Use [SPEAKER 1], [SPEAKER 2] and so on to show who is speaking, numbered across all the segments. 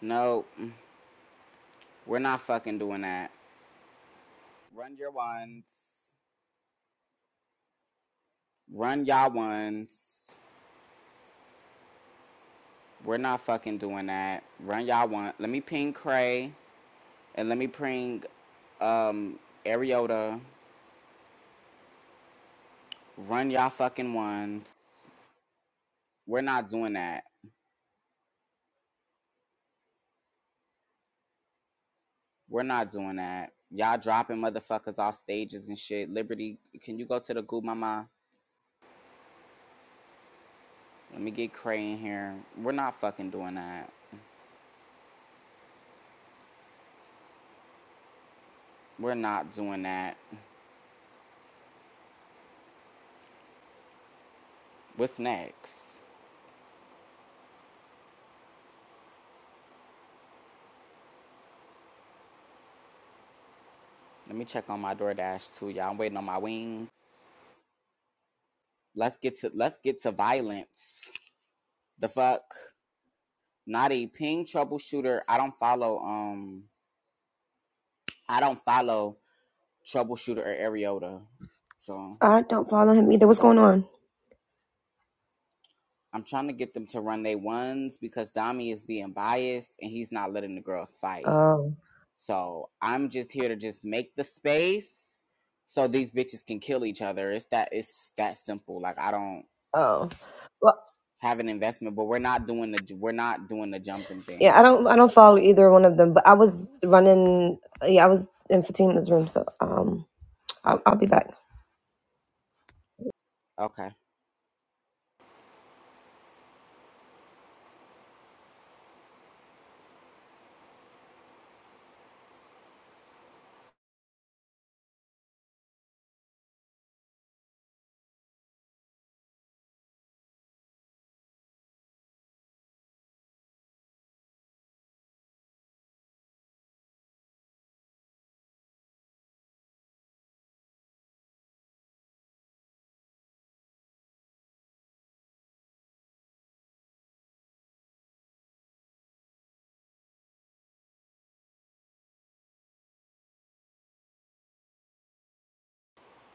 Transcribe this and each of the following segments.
[SPEAKER 1] No, we're not fucking doing that. Run your ones. Run y'all ones. We're not fucking doing that. Run y'all ones. Let me ping Cray and let me ping um Ariota. Run y'all fucking ones. We're not doing that. We're not doing that. Y'all dropping motherfuckers off stages and shit. Liberty, can you go to the goo mama? Let me get Cray in here. We're not fucking doing that. We're not doing that. What's next? Let me check on my DoorDash too, y'all. I'm waiting on my wings. Let's get to let's get to violence. The fuck? Not a ping troubleshooter. I don't follow um I don't follow troubleshooter or Ariota. So
[SPEAKER 2] I don't follow him either. What's going on?
[SPEAKER 1] I'm trying to get them to run they ones because Dami is being biased and he's not letting the girls fight.
[SPEAKER 2] Oh,
[SPEAKER 1] So I'm just here to just make the space so these bitches can kill each other. It's that it's that simple. Like I don't
[SPEAKER 2] oh. Well,
[SPEAKER 1] have an investment, but we're not doing the we're not doing the jumping
[SPEAKER 2] yeah, I
[SPEAKER 1] thing.
[SPEAKER 2] don't, I don't follow either one of them. But I was running. Yeah, I was in Fatima's room, so um, I'll, I'll be back.
[SPEAKER 1] Okay,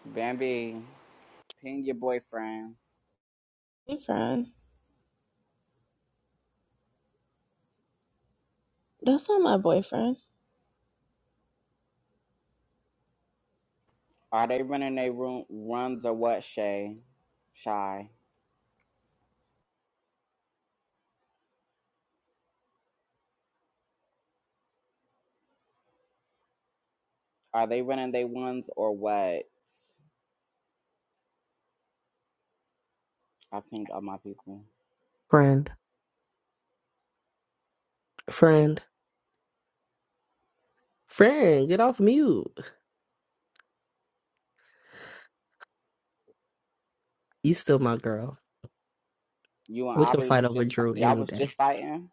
[SPEAKER 1] Bambi, ping your boyfriend.
[SPEAKER 3] Boyfriend? That's not my boyfriend.
[SPEAKER 1] Are they running their room runs or what? Shay, shy. Are they running their ones or what? I pinged all my people.
[SPEAKER 4] Friend, friend, friend, get off mute. You still my girl.
[SPEAKER 1] You and
[SPEAKER 4] We can
[SPEAKER 1] Aubrey
[SPEAKER 4] fight
[SPEAKER 1] was
[SPEAKER 4] over
[SPEAKER 1] just fi-
[SPEAKER 4] Drew
[SPEAKER 1] y'all
[SPEAKER 4] any
[SPEAKER 1] was
[SPEAKER 4] day.
[SPEAKER 1] just fighting.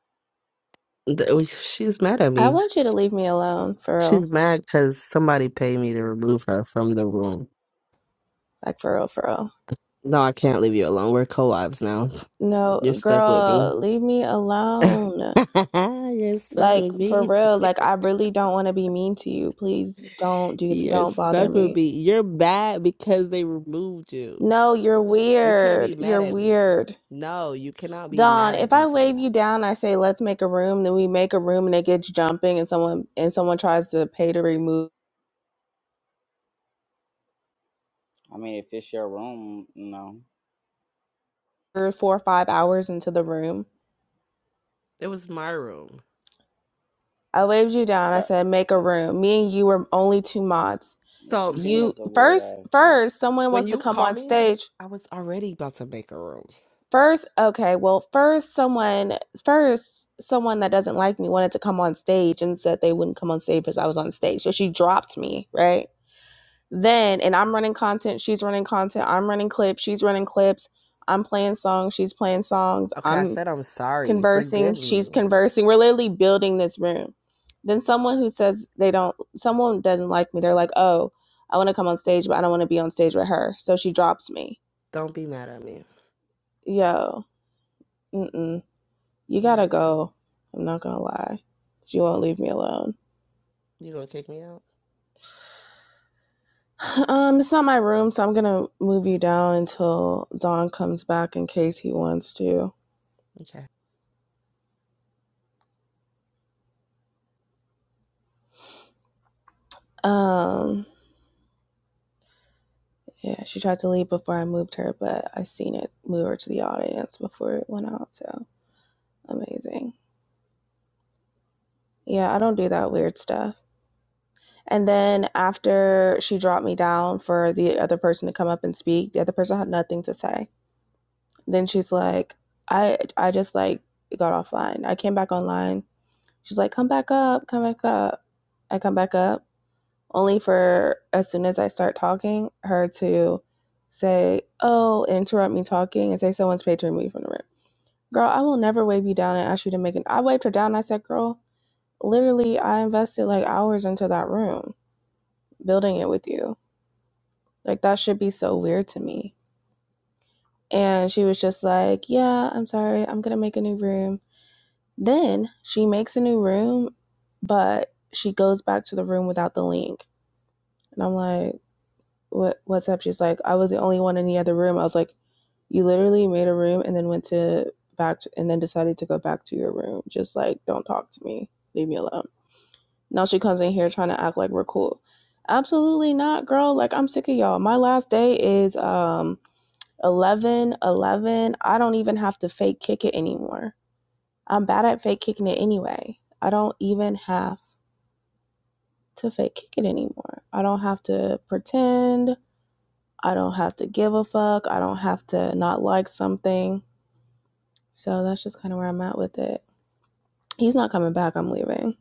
[SPEAKER 4] Th- we- She's mad at
[SPEAKER 3] I
[SPEAKER 4] me.
[SPEAKER 3] want you to leave me alone, for real.
[SPEAKER 4] She's mad because somebody paid me to remove her from the room.
[SPEAKER 3] Like, for real, for real.
[SPEAKER 4] No, I can't leave you alone. We're co wives now. You're
[SPEAKER 3] No,
[SPEAKER 4] stuck with me.
[SPEAKER 3] girl, leave me alone.
[SPEAKER 4] You're stuck
[SPEAKER 3] Like,
[SPEAKER 4] with
[SPEAKER 3] for
[SPEAKER 4] me.
[SPEAKER 3] real. Like, I really don't want to be mean to you. Please don't do,
[SPEAKER 4] You're
[SPEAKER 3] don't bother
[SPEAKER 4] stuck with
[SPEAKER 3] me.
[SPEAKER 4] me. You're mad because they removed you.
[SPEAKER 3] No, you're
[SPEAKER 4] You can't be
[SPEAKER 3] weird.
[SPEAKER 4] mad
[SPEAKER 3] You're
[SPEAKER 4] at me.
[SPEAKER 3] weird.
[SPEAKER 4] No, you cannot be
[SPEAKER 3] Don,
[SPEAKER 4] mad at
[SPEAKER 3] if
[SPEAKER 4] me
[SPEAKER 3] I
[SPEAKER 4] for
[SPEAKER 3] wave you
[SPEAKER 4] that.
[SPEAKER 3] down, I say let's make a room. Then we make a room, and it gets jumping, and someone and someone tries to pay to remove
[SPEAKER 1] I mean, if it's your room, no.
[SPEAKER 3] her four or five hours into the room.
[SPEAKER 4] It was my room.
[SPEAKER 3] I waved you down. I
[SPEAKER 1] But
[SPEAKER 3] said, make a
[SPEAKER 1] mm,
[SPEAKER 3] room. Me and you were only two mods.
[SPEAKER 1] but
[SPEAKER 4] So
[SPEAKER 3] You
[SPEAKER 1] Fatima's a
[SPEAKER 3] first,
[SPEAKER 1] weirdo.
[SPEAKER 3] first, someone
[SPEAKER 4] when
[SPEAKER 3] wants to
[SPEAKER 4] you
[SPEAKER 3] come
[SPEAKER 4] call
[SPEAKER 3] on
[SPEAKER 4] me,
[SPEAKER 3] stage.
[SPEAKER 4] I was already about to make a room.
[SPEAKER 3] First, okay, well, first, someone, first, someone that doesn't like me wanted to come on stage and said they wouldn't come on stage because I was on stage. So she dropped me, right? Then, and I'm running content. She's running content. I'm running clips. She's running clips. I'm playing songs. She's playing songs.
[SPEAKER 4] Okay, I
[SPEAKER 3] I'm.
[SPEAKER 4] said I'm sorry.
[SPEAKER 3] conversing,
[SPEAKER 4] Forgive
[SPEAKER 3] she's
[SPEAKER 4] me.
[SPEAKER 3] conversing. We're literally building this room. Then someone who says they don't, someone doesn't like me, they're like, oh, I want to come on stage, but I don't want to be on stage with her. So she drops me.
[SPEAKER 4] Don't be mad at me.
[SPEAKER 3] Yo, mm-mm, you
[SPEAKER 4] Don't be
[SPEAKER 3] gotta
[SPEAKER 4] mad.
[SPEAKER 3] go. I'm not gonna lie. You won't leave me alone.
[SPEAKER 4] You gonna kick me out?
[SPEAKER 3] Um, it's not my room, so I'm gonna move you down until Don comes back in case he wants to.
[SPEAKER 4] Okay.
[SPEAKER 3] Um, yeah, she tried to leave before I moved her, but I seen it move her to the audience before it went out, so amazing. Yeah, I don't do that weird stuff. And then after she dropped me down for the other person to come up and speak, the other person had nothing to say. Then she's like, I I just like got offline. I came back online. She's like, come back up, come back up. I come back up. Only for as soon as I start talking, her to say, Oh, interrupt me talking and say someone's paid to remove me from the room. Girl, I will never wave you down and ask you to make an I waved her down. I said, Girl, literally I invested like hours into that room building it with you. Like that should be so weird to me. And she was just like, "Yeah, I'm sorry. I'm going to make a new room." Then she makes a new room, but she goes back to the room without the link. And I'm like, "What what's up?" She's like, "I was the only one in the other room." I was like, "You literally made a room and then went to back to, and then decided to go back to your room. Just like, don't talk to me. Leave me alone." Now she comes in here trying to act like we're cool. Absolutely not, girl. Like I'm sick of y'all. My last day is um 11, 11. I don't even have to fake kick it anymore. I'm bad at fake kicking it anyway. I don't even have to fake kick it anymore. I don't have to pretend. I don't have to give a fuck. I don't have to not like something. So that's just kind of where I'm at with it. He's not coming back. I'm leaving.